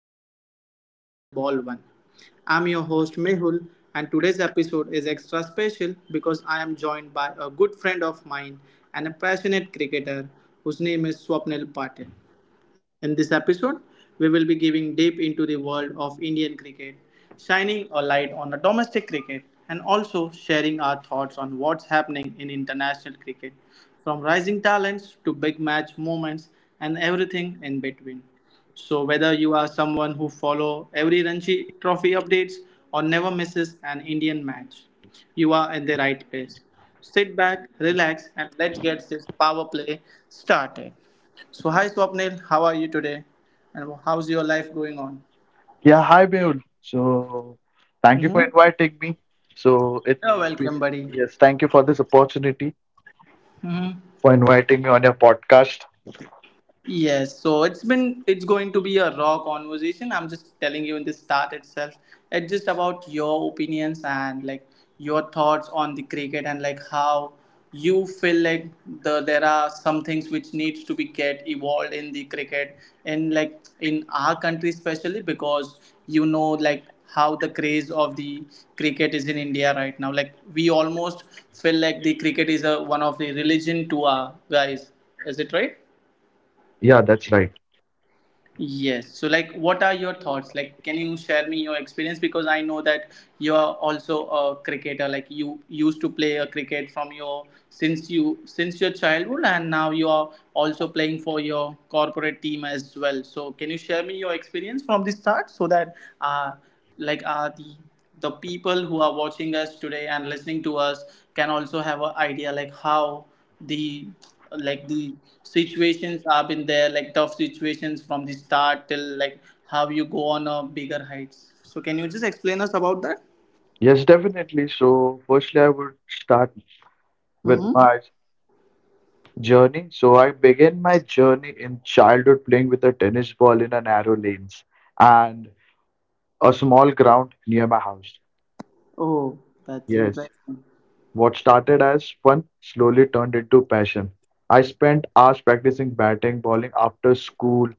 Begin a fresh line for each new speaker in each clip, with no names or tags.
The boundary right from the ball one. I'm your host Mehul, and today's episode is extra special because I am joined by a good friend of mine and a passionate cricketer whose name is Swapnil Patil. In this episode, we will be giving deep into the world of Indian cricket, shining a light on the domestic cricket, and also sharing our thoughts on what's happening in international cricket, from rising talents to big match moments and everything in between. So whether you are someone who follow every Ranji Trophy updates or never misses an Indian match, you are in the right place. Sit back, relax, and let's get this power play started. So hi Swapnil, how are you today? And how's your life going on?
Yeah, hi Beul. So, thank you for
Mm-hmm.
inviting me. So, it
You're welcome,
be,
buddy.
yes, thank you for this opportunity
Mm-hmm.
for inviting me on your podcast.
Yes, so it's going to be a raw conversation. I'm just telling you in the start itself. It's just about your opinions and like your thoughts on the cricket and like how you feel like there are some things which needs to be get evolved in the cricket and like in our country especially because like how the craze of the cricket is in India right now. Like we almost feel like the cricket is a one of the religion to our guys. Is it right?
Yeah, that's right.
Yes. So, like, what are your thoughts? Like, can you share me your experience? Because I know that you are also a cricketer. Like, you used to play a cricket from your since you since your childhood, and now you are also playing for your corporate team as well. So, can you share me your experience from the start so that, uh, like, the people who are watching us today and listening to us can also have an idea like how the like the situations have been there, like tough situations from the start till like how you go on a bigger heights. So can you just explain us about that?
Yes, definitely. So, firstly, I would start with
Mm-hmm.
my journey. So, I began my journey in childhood playing with a tennis ball in a narrow lanes and a small ground near my house.
Oh, that's
Yes,
interesting.
what started as fun slowly turned into passion. I spent hours practicing batting, bowling after school,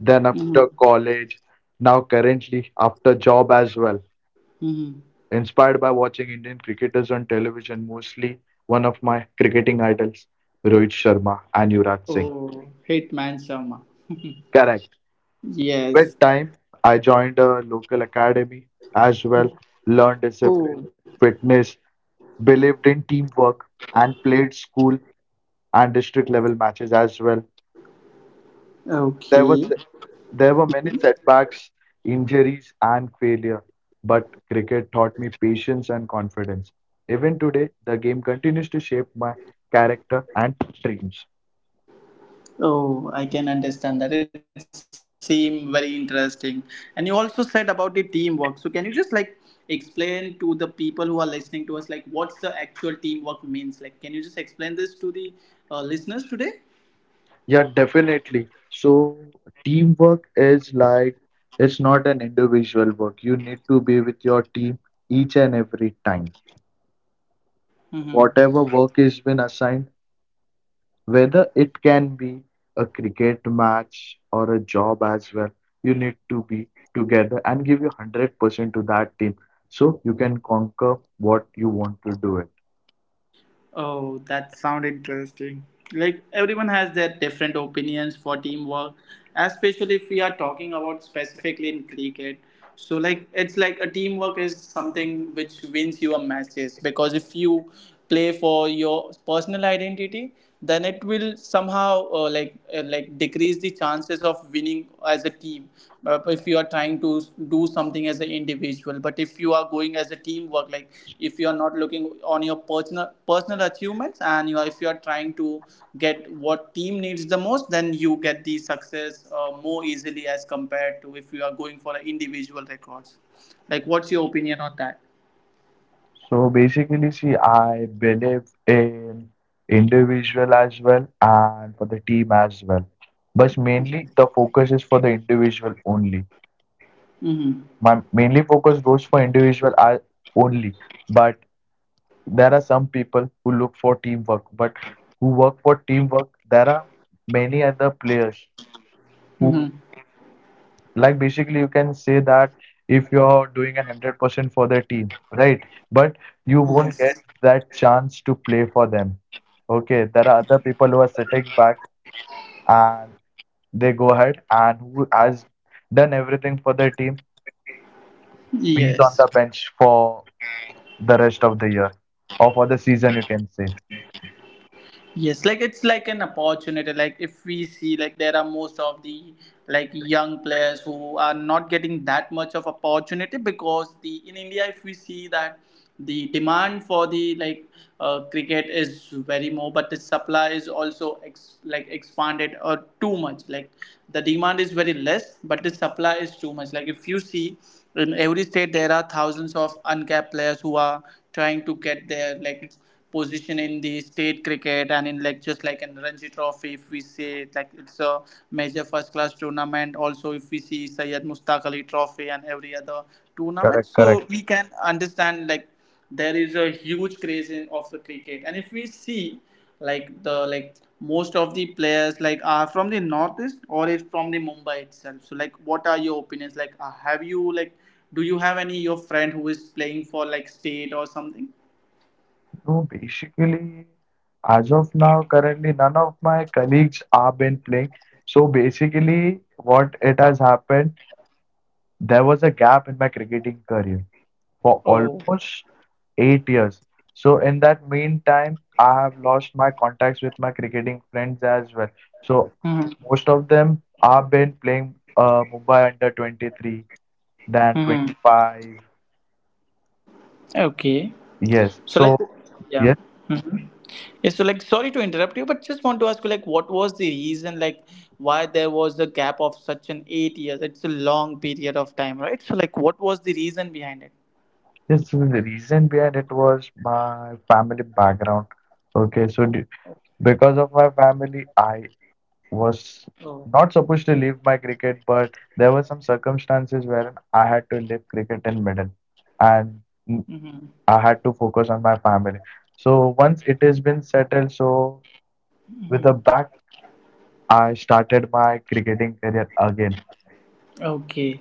then after
Mm-hmm.
college, now currently after job as well.
Mm-hmm.
Inspired by watching Indian cricketers on television, mostly one of my cricketing idols, Rohit Sharma and Yuvraj Singh.
Oh, hit Sharma.
Correct.
Yes.
With time, I joined a local academy as well, learned discipline,
Oh,
fitness, believed in teamwork, and played school and district level matches as well. There was
okay.
There were many setbacks, injuries, and failure, but cricket taught me patience and confidence. Even today, the game continues to shape my character and dreams.
Oh, I can understand that. It seemed very interesting. And you also said about the teamwork. So can you just like explain to the people who are listening to us like what's the actual teamwork means? Like, can you just explain this to the listeners today?
Yeah, definitely. So, teamwork is like it's not an individual work. You need to be with your team each and every time.
Mm-hmm.
Whatever work is been assigned, whether it can be a cricket match or a job as well, you need to be together and give your 100% to that team so you can conquer what you want to do it.
Oh, that sound interesting. Like everyone has their different opinions for teamwork, especially if we are talking about specifically in cricket. So like it's like a teamwork is something which wins you a matches, because if you play for your personal identity, then it will somehow like decrease the chances of winning as a team, if you are trying to do something as an individual. But if you are going as a teamwork, like, if you are not looking on your personal achievements and you are if you are trying to get what team needs the most, then you get the success more easily as compared to if you are going for individual records. Like, what's your opinion on that?
So basically, see, I believe in individual as well and for the team as well. But mainly the focus is for the individual only.
Mm-hmm.
My mainly focus goes for individual as only, but there are some people who look for teamwork, but who work for teamwork, there are many other players who,
Mm-hmm.
like, basically, you can say that if you're doing an 100% for the team, right? But you won't
Yes,
get that chance to play for them. Okay, there are other people who are sitting back and they go ahead and who has done everything for their team, bees on the
yes.
bench for the rest of the year or for the season, you can say.
Yes, like it's like an opportunity. Like if we see, like there are most of the like young players who are not getting that much of opportunity, because the in India, if we see that the demand for the like cricket is very more, but the supply is also like expanded or too much. Like the demand is very less, but the supply is too much. Like if you see, in every state there are thousands of uncapped players who are trying to get their like position in the state cricket, and in like just like in Ranji Trophy, if we say, like it's a major first class tournament, also if we see Syed Mustaq Ali Trophy and every other tournament,
Correct,
so
correct.
we can understand like there is a huge craze of the cricket. And if we see like the like most of the players like are from the northeast or is from the Mumbai itself, so like what are your opinions? Like, have you like do you have any your friend who is playing for like state or something?
So basically, as of now, currently none of my colleagues are been playing. So basically, what it has happened, there was a gap in my cricketing career for
Oh.
almost 8 years. So in that meantime, I have lost my contacts with my cricketing friends as well. So
Mm-hmm.
most of them have been playing Mumbai under 23, then
Mm-hmm.
25.
Okay.
Yes.
So like, yeah.
Yes.
Mm-hmm. Yeah, so like, sorry to interrupt you, but just want to ask you, like, what was the reason? Like, why there was a gap of such an 8 years? It's a long period of time, right? So like, what was the reason behind it?
Yes, so the reason behind it was my family background. Okay, so d Because of my family, I was
Oh.
not supposed to leave my cricket, but there were some circumstances wherein I had to leave cricket in middle, and n-
Mm-hmm.
I had to focus on my family. So once it has been settled, so with a bat, I started my cricketing career again.
Okay.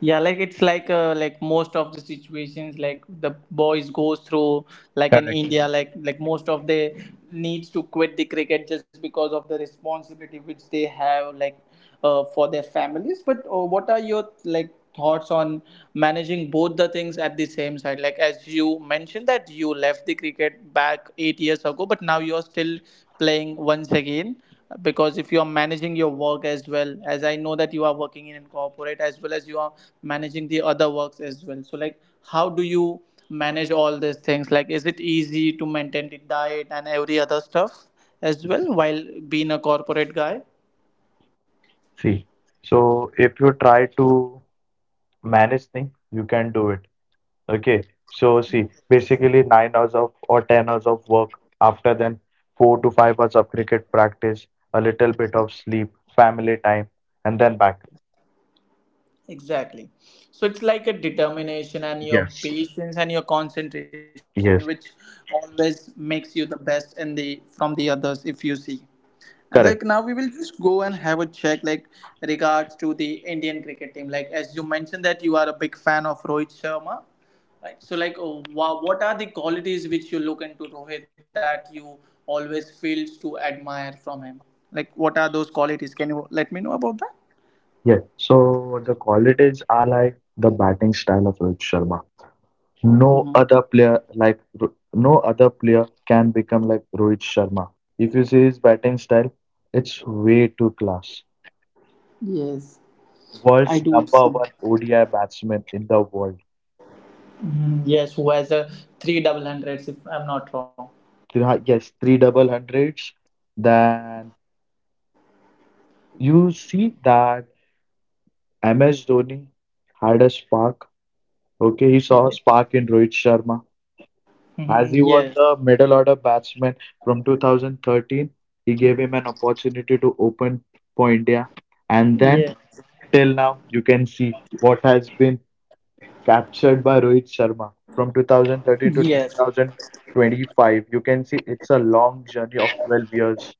Yeah, like it's like most of the situations, like the boys goes through, like in
Correct.
India like most of the needs to quit the cricket just because of the responsibility which they have, like for their families. But what are your like thoughts on managing both the things at the same side? Like, as you mentioned that you left the cricket back 8 years ago, but now you're still playing once again. Because if you are managing your work, as well as I know that you are working in corporate, as well as you are managing the other works as well, so like how do you manage all these things? Like, is it easy to maintain the diet and every other stuff as well while being a corporate guy?
See, so if you try to manage things, you can do it. Okay, so see, basically 9 hours of or 10 hours of work. After then, 4 to 5 hours of cricket practice, a little bit of sleep, family time, and then back.
Exactly. So it's like a determination and your
Yes.
patience and your concentration, which
Yes,
always makes you the best in the from the others, if you see. And like now
Correct.
we will just go and have a check like regards to the Indian cricket team. Like, as you mentioned that you are a big fan of Rohit Sharma, right? So like, oh, what are the qualities which you look into Rohit that you always feel to admire from him? Like, what are those qualities? Can you let me know about that?
Yes. So the qualities are like the batting style of Rohit Sharma. No other
Hmm.
player like no other player can become like Rohit Sharma. If you see his batting style, it's way too class.
Yes.
World's
I
number
do
one
see.
ODI batsman in the world.
Mhm, yes, who has a three double hundreds, if I'm not wrong.
Yes, three double hundreds, then you see that MS Dhoni had a spark. Okay, he saw a
Yes.
spark in Rohit Sharma. As
Hmm.
he was
Yes,
the middle order batsman from 2013, he gave him an opportunity to open for India. And then
yes,
till now, you can see what has been captured by Rohit Sharma from 2013 to
yes.
2025. You can see it's a long journey of 12 years.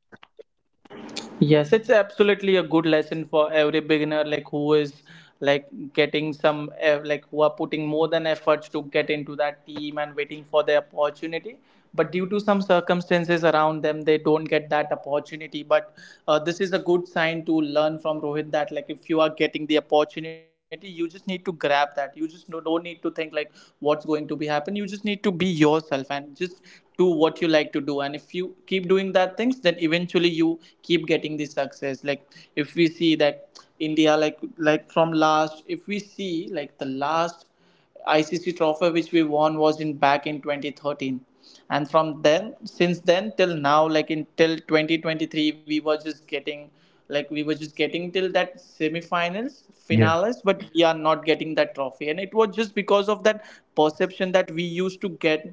Yes, it's absolutely a good lesson for every beginner, like who is like getting some eh, like who are putting more than efforts to get into that team and waiting for their opportunity. But due to some circumstances around them, they don't get that opportunity. But this is a good sign to learn from Rohit, that like if you are getting the opportunity, you just need to grab that. You just don't need to think like what's going to be happen. You just need to be yourself and just do what you like to do, and if you keep doing that things, then eventually you keep getting the success. Like, if we see that India like from last if we see like the last ICC trophy which we won was in back in 2013, and from then since then till now, like until 2023, we were just getting, like we were just getting till that semifinals
Yes,
finales, but we are not getting that trophy. And it was just because of that perception that we used to get,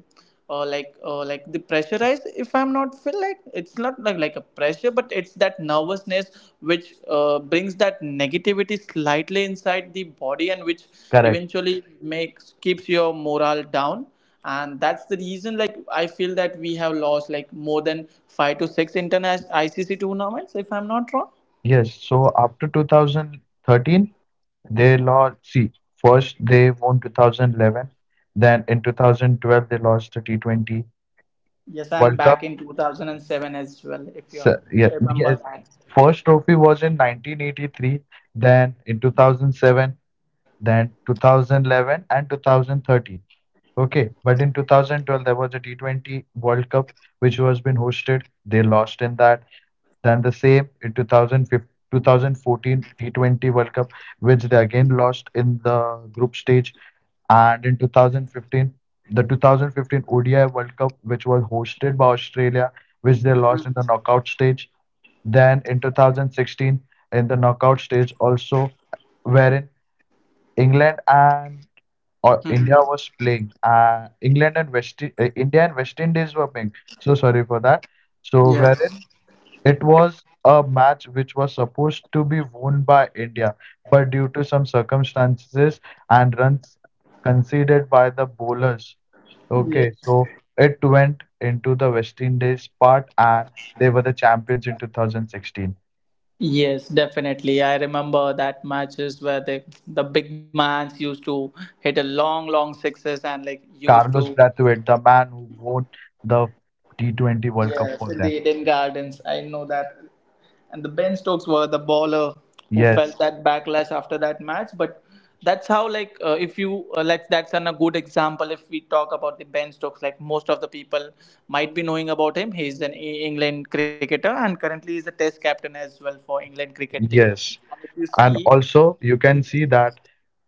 like the pressurize, if I'm not feel like it's not like a pressure, but it's that nervousness which brings that negativity slightly inside the body, and which
correct.
eventually makes keeps your morale down. And that's the reason, like I feel that we have lost like more than 5 to 6 international ICC tournaments, if I'm not wrong.
Yes, so after 2013, they lost. See, first they won 2011, then in 2012 they lost the T20
Yes, and
World Cup.
back in 2007 as well, if you
So, yeah,
remember
yes,
that.
first trophy was in 1983, then in 2007, then 2011 and 2013. Okay, but in 2012 there was a T20 World Cup which was been hosted. They lost in that. Than the same in 2015, 2014 T20 World Cup, which they again lost in the group stage. And in 2015, the 2015 ODI World Cup, which was hosted by Australia, which they lost in the knockout stage. Then in 2016, in the knockout stage, also wherein England and or India
Mhm.
was playing. England and West India and West Indies were playing. So sorry for that. So
Yes,
wherein it was a match which was supposed to be won by India, but due to some circumstances and runs conceded by the bowlers, okay,
yes.
so it went into the West Indies part and they were the champions in 2016.
Yes, definitely. I remember that matches where the big mans used to hit a long, long sixes and like used
Carlos
to.
Brathwaite, the man who won the T20 World Cup
Yes,
for
in the
them.
Eden Gardens. I know that. And the Ben Stokes were the baller who
Yes,
felt that backlash after that match. But that's how, like, if you like, that's a good example. If we talk about the Ben Stokes, like most of the people might be knowing about him. He's an England cricketer and currently is a Test captain as well for England cricket team.
yes.
And if you
And
see.
also you can see that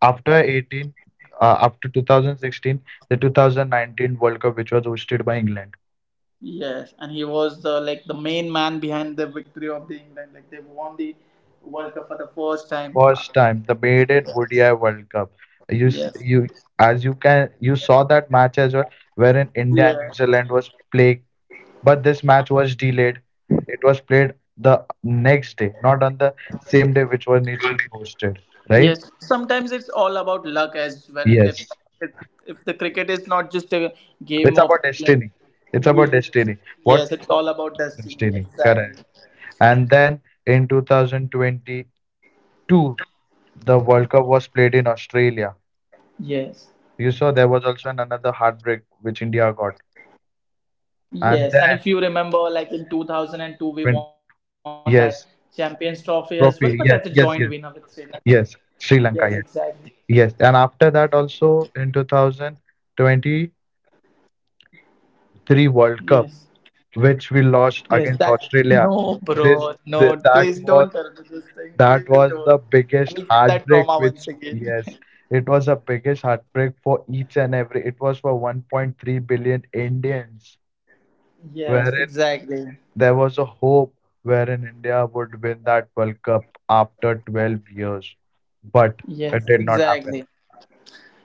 after 18 uh, after 2016 the 2019 World Cup which was hosted by England
Yes, and he was the like the main man behind the victory of the England. Like they won the World Cup for the first time.
first time, the maiden ODI World Cup. you s-
Yes,
you, as you can, you saw that match as well wherein India and
yeah,
New Zealand was playing, but this match was delayed. It was played the next day, not on the same day which one needs to be hosted. Right.
yes. Sometimes it's all about luck as well.
Yes,
If, if the cricket is not just a game
it's
of,
about
like.
destiny. It's about
Yes,
destiny. What
yes, it's all about destiny.
Destiny, correct.
Exactly.
And then in 2022, the World Cup was played in Australia.
Yes,
You saw there was also another heartbreak which India got.
yes. And if you
And
remember,
then,
like in 2002, we won that
when,
Champions Trophy as
yes,
well. But that's a joint winner with Sri
trophy,
Lanka. Yes,
yes,
exactly.
Sri Lanka, yes. And after that, also in 2023
Yes.
World Cup, which we
Yes,
lost
that.
against
No,
Australia,
bro.
this
No,
th
please
that
don't tell
was
me this thing. Please don't.
The
I'll get
biggest
that trauma
heartbreak,
once
which,
again.
yes, it was the biggest heartbreak for each and every. It was for 1.3 billion Indians,
Yes,
wherein
exactly.
there was a hope wherein India would win that World Cup after 12 years. But
Yes,
it did not happen.
exactly.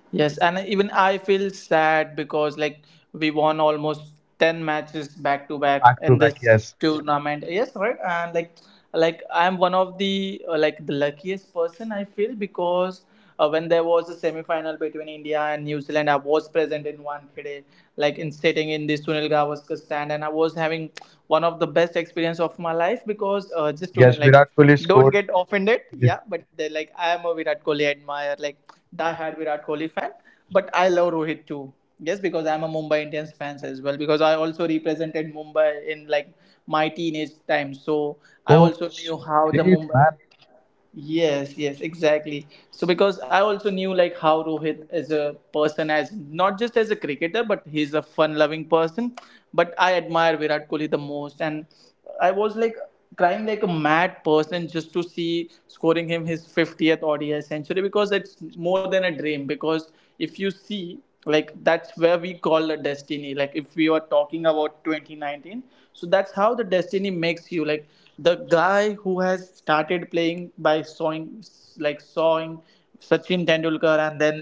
Yes, and even I feel sad because like we won almost 10 matches back to back
Back to
in
back,
this
yes.
tournament. Yes, right, and like I'm one of the like the luckiest person I feel because when there was a semi final between India and New Zealand, I was present in Wankhede, like in sitting in the Sunil Gavaskar stand, and I was having one of the best experience of my life because just to
Yes,
like
Virat Kohli
don't
scored.
get offended.
Yes.
Yeah, but they're like, I am a Virat Kohli admirer, like diehard Virat Kohli fan. But I love Rohit too. Yes, because I'm a Mumbai Indians fans as well. Because I also represented Mumbai in like my teenage time, so I
Oh,
also
s-
knew how the
Great,
Mumbai.
man.
Yes, yes, exactly. So because I also knew like how Rohit as a person, as not just as a cricketer, but he's a fun-loving person. But I admire Virat Kohli the most, and I was like crying like a mad person just to see scoring him his 50th ODI century because it's more than a dream. Because if you see like that's where we call the destiny, like if we were talking about 2019, so that's how the destiny makes you like the guy who has started playing by sawing Sachin Tendulkar and then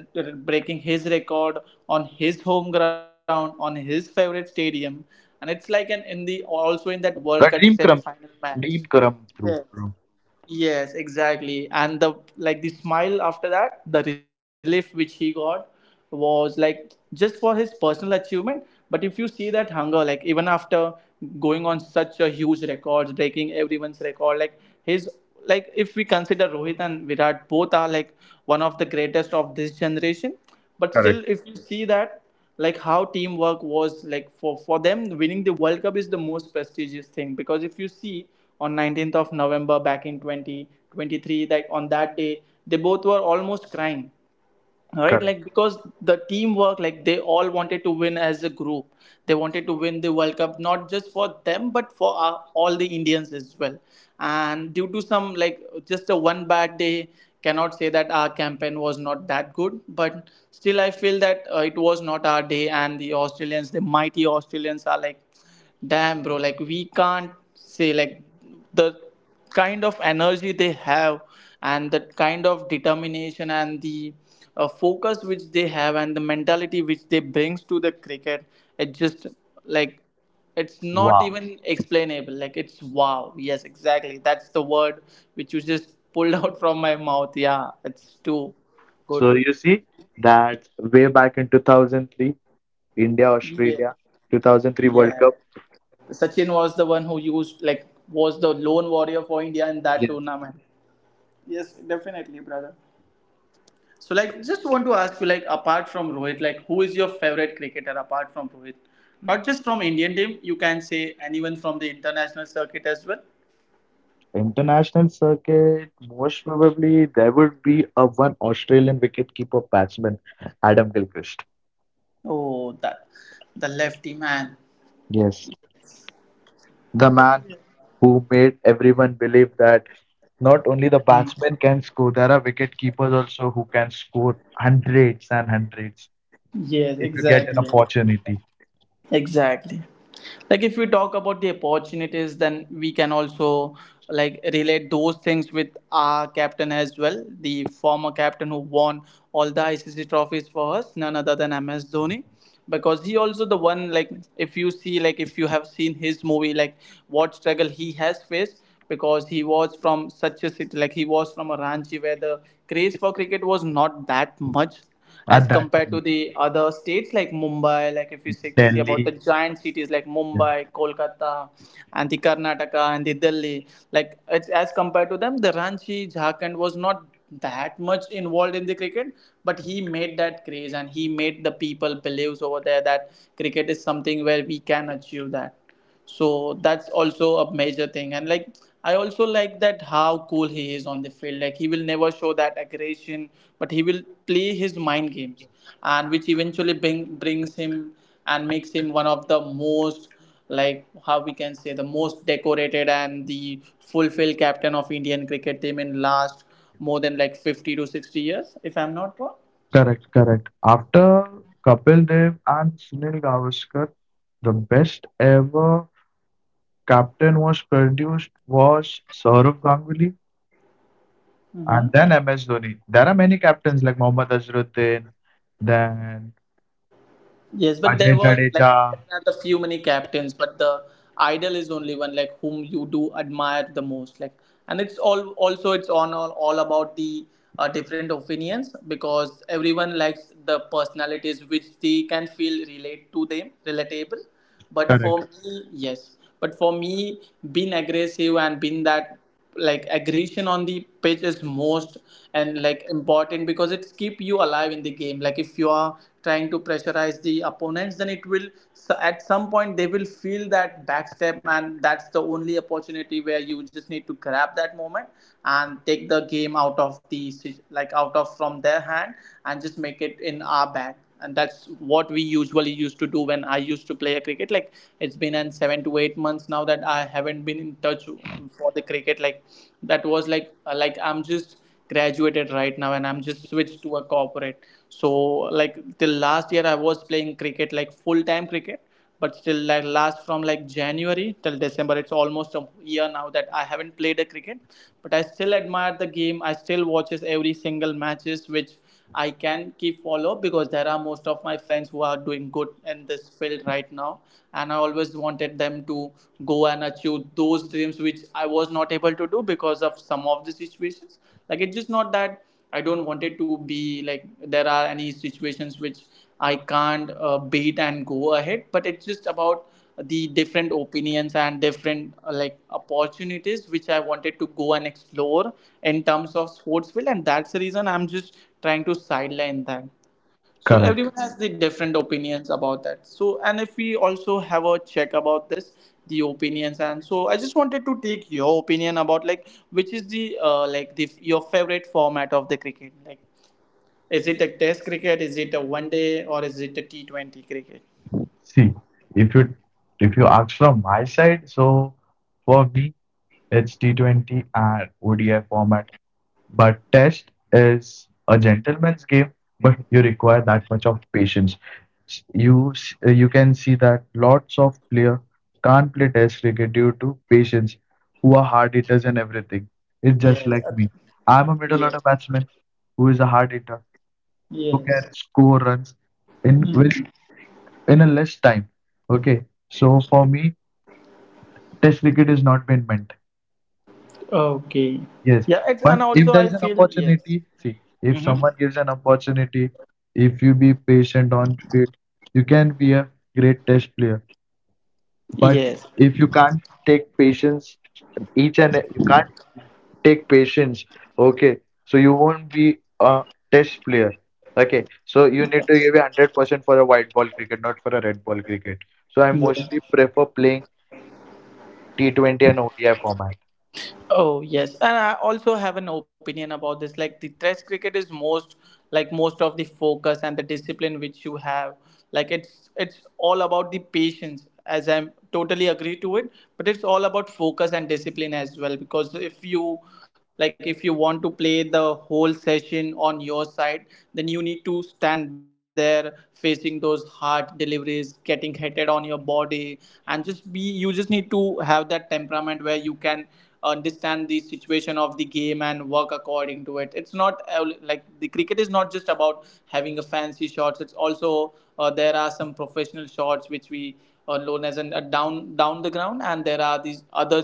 breaking his record on his home ground, on his favorite stadium, and it's like an in the also in that World Cup
A
semi
dream
final
come,
match.
Dream come through, bro.
Yes, exactly. And the smile after that, the relief which he got was like just for his personal achievement. But if you see that hunger, like even after going on such a huge records, breaking everyone's record, like his like if we consider Rohit and Virat, both are like one of the greatest of this generation. But still,
Correct,
if you see that like how teamwork was like for them winning the World Cup is the most prestigious thing because if you see on 19th of November back in 2023, like on that day they both were almost crying, right?
correct.
Like because the teamwork, like they all wanted to win as a group. They wanted to win the World Cup not just for them but for all the Indians as well. And due to some like just a one bad day, cannot say that our campaign was not that good, but still I feel that it was not our day, and the Australians, the mighty Australians are like damn, bro, like we can't say like the kind of energy they have and the kind of determination and the focus which they have and the mentality which they brings to the cricket, it just like it's not
Wow.
even explainable, like it's wow. Yes, exactly, that's the word which you just pulled out from my mouth. Yeah, it's too good.
So you see that way back in 2003. India
Yeah,
Australia 2003
yeah.
World Cup.
Sachin was the one who used like was the lone warrior for India in that
Yes.
tournament. Yes, definitely, brother. So like just want to ask you like apart from Rohit, like who is your favorite cricketer apart from Rohit? Not just from Indian team, you can say anyone from the international circuit as well.
International circuit, most probably there would be a one Australian wicketkeeper batsman, Adam Gilchrist.
Oh that the lefty man.
Yes, the man who made everyone believe that not only the batsmen can score, there are wicketkeepers also who can score hundreds and hundreds
Yes,
if you get an
exactly.
opportunity
Exactly. Like if we talk about the opportunities, then we can also like relate those things with our captain as well, the former captain who won all the ICC trophies for us, none other than MS Dhoni, because he also the one like if you see, like if you have seen his movie, like what struggle he has faced because he was from such a city, like he was from a Ranchi where the craze for cricket was not that much
at
as
that
compared to
time.
the other states like Mumbai. Like if you see about the
Delhi.
giant cities like Mumbai, Kolkata, and the Karnataka and the Delhi, like it's, as compared to them, the Ranchi Jharkhand was not that much involved in the cricket, but he made that craze and he made the people believes over there that cricket is something where we can achieve that, so that's also a major thing. And like I also like that how cool he is on the field. Like he will never show that aggression, but he will play his mind games, and which eventually brings him and makes him one of the most like how we can say the most decorated and the fulfilled captain of Indian cricket team in last more than like 50 to 60 years if I'm not wrong.
Correct, correct. After Kapil Dev and Sunil Gavaskar, the best ever captain was produced was Saurav Ganguly
Mm-hmm.
and then MS Dhoni. There are many captains like Mohammad Azharuddin, then
Yes, but
Ajay
there were like
Jadeja.
there are the few many captains, but the idol is only one like whom you do admire the most. Like, and it's all also it's on all about the different opinions because everyone likes the personalities which they can feel relate to them, relatable. But
Correct,
for me, yes. But for me, being aggressive and being that like aggression on the pitch is most and like important because it's keep you alive in the game. Like if you are trying to pressurize the opponents, then it will, so at some point they will feel that backstep, and that's the only opportunity where you just need to grab that moment and take the game out of the like out of from their hand and just make it in our bag, and that's what we usually used to do when I used to play a cricket. Like it's been an 7 to 8 months now that I haven't been in touch for the cricket. Like that was like I'm just graduated right now and I'm just switched to a corporate, so like till last year I was playing cricket, like full time cricket, but still like last from like January till December, it's almost a year now that I haven't played a cricket. But I still admire the game, I still watches every single matches which I can keep follow because there are most of my friends who are doing good in this field right now, and I always wanted them to go and achieve those dreams which I was not able to do because of some of the situations. Like it's just not that I don't want it to be like there are any situations which I can't beat and go ahead, but it's just about the different opinions and different like opportunities which I wanted to go and explore in terms of sports field, and that's the reason I'm just trying to sideline that. So
correct.
everyone has the different opinions about that, so and if we also have a check about this, the opinions and so I just wanted to take your opinion about like which is the like the your favorite format of the cricket, like is it a test cricket, is it a one day or is it a T20 cricket?
See, if you if you ask from my side, so for me it's T20 and ODI format. But Test is a gentleman's game, but you require that much of patience. S- You s- you can see that lots of player can't play Test cricket due to patience, who are hard hitters and everything. It's just
Yes,
like me. I'm a middle
yes,
order batsman who is a hard hitter who
yes.
can score runs in with
Mhm.
in a less time. Okay, so for me, Test cricket is not been meant.
Okay.
Yes,
Yeah, and
but if
also
there
I
is an
feel yes.
opportunity, see, if
Hmm.
someone gives an opportunity, if you be patient on field, you can be a great test player. But
Yes.
if you can't take patience, each and you can't take patience, okay, so you won't be a test player. Okay, so you need to give a 100% for a white ball cricket, not for a red ball cricket. So I
Yeah.
mostly prefer playing T20 and ODI format.
Oh yes, and I also have an opinion about this. Like the test cricket is most, like most of the focus and the discipline which you have. Like it's all about the patience. As I'm totally agree to it, but it's all about focus and discipline as well. Because if you want to play the whole session on your side, then you need to stand there facing those hard deliveries, getting hit on your body, and just be. You just need to have that temperament where you can understand the situation of the game and work according, it's not like the cricket is not just about having a fancy shots, it's also there are some professional shots which we known as an, down the ground, and there are these other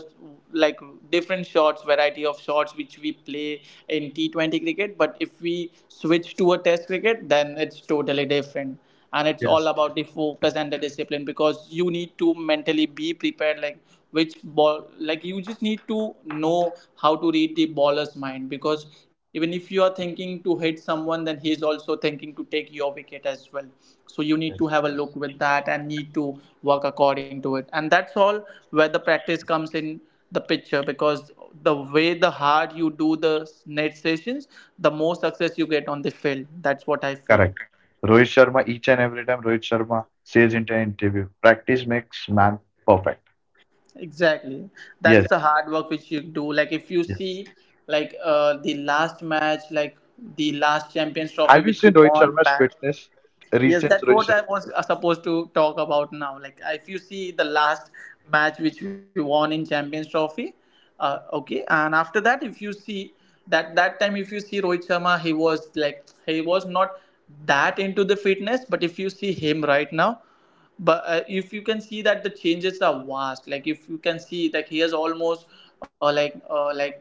like different shots, variety of shots which we play in T20 cricket, but if we switch to a test cricket then it's totally different, and it's
Yes,
all about the focus and the discipline because you need to mentally be prepared like which ball, like you just need to know how to read the baller's mind because even if you are thinking to hit someone then he is also thinking to take your wicket as well, so you need to have
yes.
a look with that and need to work according to it, and that's all where the practice comes in the picture because the way the hard you do the net sessions, the more success you get on the field, that's what I feel.
Correct. Rohit Sharma, each and every time Rohit Sharma says in an interview, practice makes man perfect.
Exactly. That's
Yes,
the hard work which you do. Like if you
yes.
see like the last match, like the last Champions Trophy
Have you
which we
seen Rohit
won
Sharma's
back.
fitness?
Yes,
Recent
that's
Rohit
what
Sharma,
I was supposed to talk about now. Like, if you see the last match which we won in Champions Trophy, okay, and after that, if you see that time, if you see Rohit Sharma, he was not that into the fitness, but if you see him right now, but if you can see that the changes are vast. Like, if you can see, like he has almost uh, like uh, like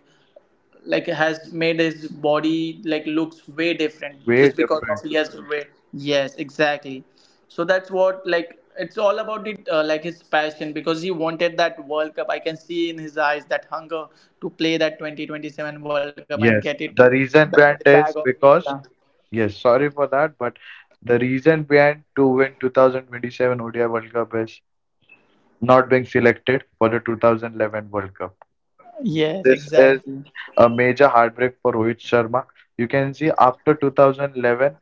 has made his body like looks way different
way
just because of
different.
he has weight. Yes, exactly. So that's what like it's all about it, like his passion because he wanted that World Cup. I can see in his eyes that hunger to play that 2027 World Cup and get
Yes.
it
The reason
in the
behind
bag of
is
India.
because, yes, sorry for that, but the reason behind to win 2027 ODI World Cup is not being selected for the 2011 World Cup.
Yes,
This is
exactly.
a major heartbreak for Rohit Sharma. You can see after 2011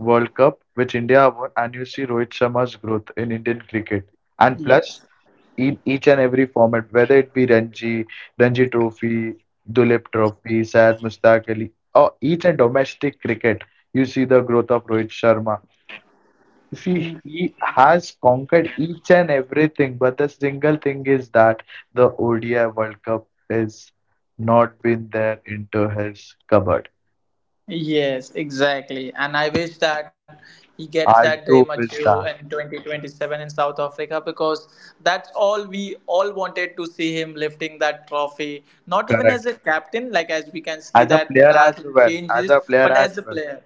World Cup, which India won, and you see Rohit Sharma's growth in Indian cricket. And plus,
Yes.
in each and every format, whether it be Ranji Trophy, Dulip Trophy, Syed Mustaq Ali, or each and domestic cricket, you see the growth of Rohit Sharma. You see, he has conquered each and everything, but the single thing is that the ODI World Cup is not been there into his cupboard.
Yes, exactly. And I wish that he gets that
I
dream
do wish
achieved
that.
in 2027 in South Africa, because that's all we all wanted to see him lifting that trophy. Not even as
Correct.
a captain, like, as we can see
As a
that there
player
are
as well. As
changes,
a player
but as
as
a
well.
player.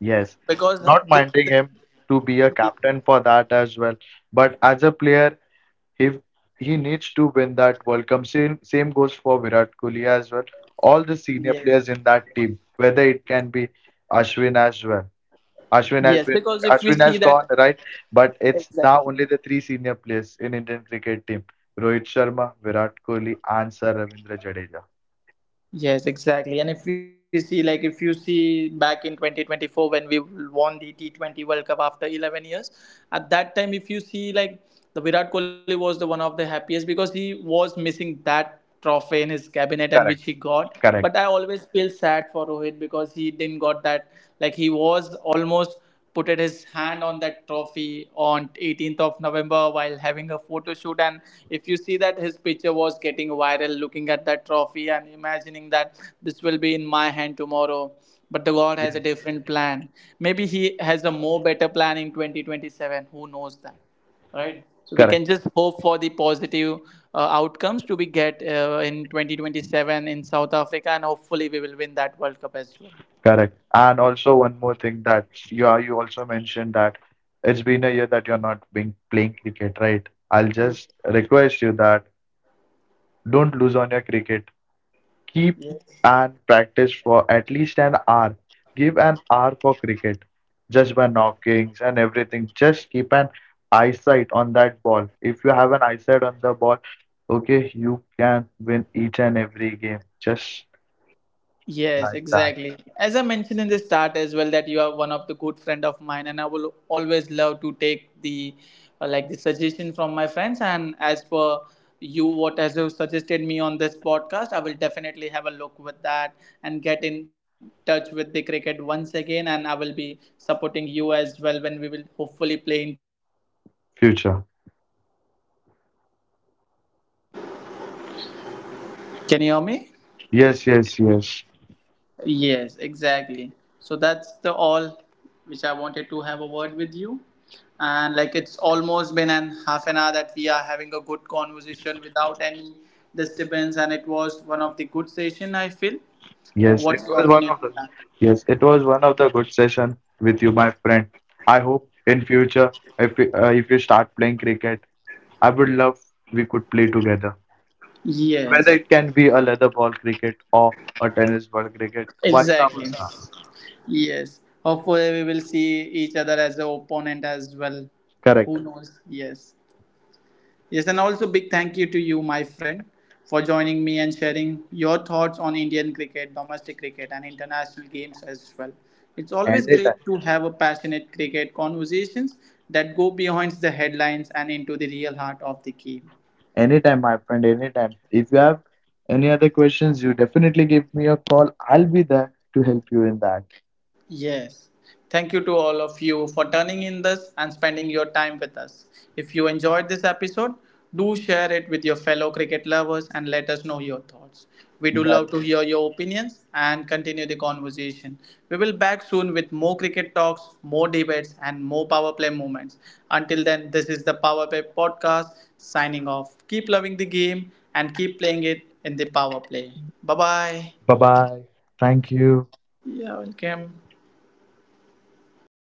Yes.
Because
Not
the,
minding
the
him to be a captain for that as well. But as a player, he he needs to win that World Cup. Same goes for Virat Kohli as well. All the
yes.
senior players in that team, whether it can be Ashwin as well. Ashwin
Yes,
has been
because if we
Ashwin
see
has
that
gone right, but it's now only the
exactly.
three senior players in Indian cricket team: Rohit Sharma, Virat Kohli, and Sir Ravindra Jadeja.
Yes, exactly. And if we see, like, if you see back in 2024 when we won the T20 World Cup after 11 years, at that time, if you see, like, the Virat Kohli was the one of the happiest because he was missing that trophy in his cabinet and which
Correct,
he got. But
correct,
I always feel sad for Rohit because he didn't got that. Like, he was almost put his hand on that trophy on 18th of November while having a photo shoot, and if you see that his picture was getting viral looking at that trophy and imagining that this will be in my hand tomorrow, but the god has
yes,
a different plan. Maybe he has a more better plan in 2027, who knows that, right? So we can
correct,
just hope for the positive outcomes to be get in 2027 in South Africa, and hopefully we will win that World Cup as well.
correct. And also one more thing that you also mentioned that it's been a year that you're not being playing cricket, right? I'll just request you that don't lose on your cricket. Keep and Practice for at least an hour. Give an hour for cricket. Just by knockings and everything. Just keep an eyesight on that ball. If you have an eyesight on the ball, okay, you can win each and every game. Just
Yes,
like that.
exactly. As I mentioned in the start as well, that you are one of the good friend of mine, and I will always love to take the like the suggestion from my friends. And as for you, what has you suggested me on this podcast, I will definitely have a look with that and get in touch with the cricket once again. And I will be supporting you as well when we will hopefully play in.
Future.
Can you hear me?
Yes, yes, yes.
Yes, exactly. So that's the all which I wanted to have a word with you. And like it's almost been an half an hour that we are having a good conversation without any disturbance, and it was one of the good session I feel. Like,
Yes, it
what's your
was one
opinion
of
on
the
that?
Yes, it was one of the good session with you, my friend. I hope in future if you start playing cricket, I would love we could play together. Whether
Yes,
it can be a leather ball cricket or a tennis ball cricket, vice
exactly.
versa.
Yes. Hopefully, we will see each other as an opponent as well.
Correct.
Who knows? Yes. Yes, and also big thank you to you, my friend, for joining me and sharing your thoughts on Indian cricket, domestic cricket, and international games as well. It's always
Anytime.
great to have a passionate cricket conversations that go beyond the headlines and into the real heart of the game.
Anytime, my friend, anytime. If you have any other questions, you definitely give me a call. I'll be there to help you in that.
Yes. Thank you to all of you for turning in this and spending your time with us. If you enjoyed this episode, do share it with your fellow cricket lovers and let us know your thoughts. We do love to hear your opinions and continue the conversation. We will back soon with more cricket talks, more debates and more power play moments. Until then, this is the Power Play podcast signing off. Keep loving the game and keep playing it in the power play. Bye-bye.
Bye bye. Thank you.
Yeah, welcome.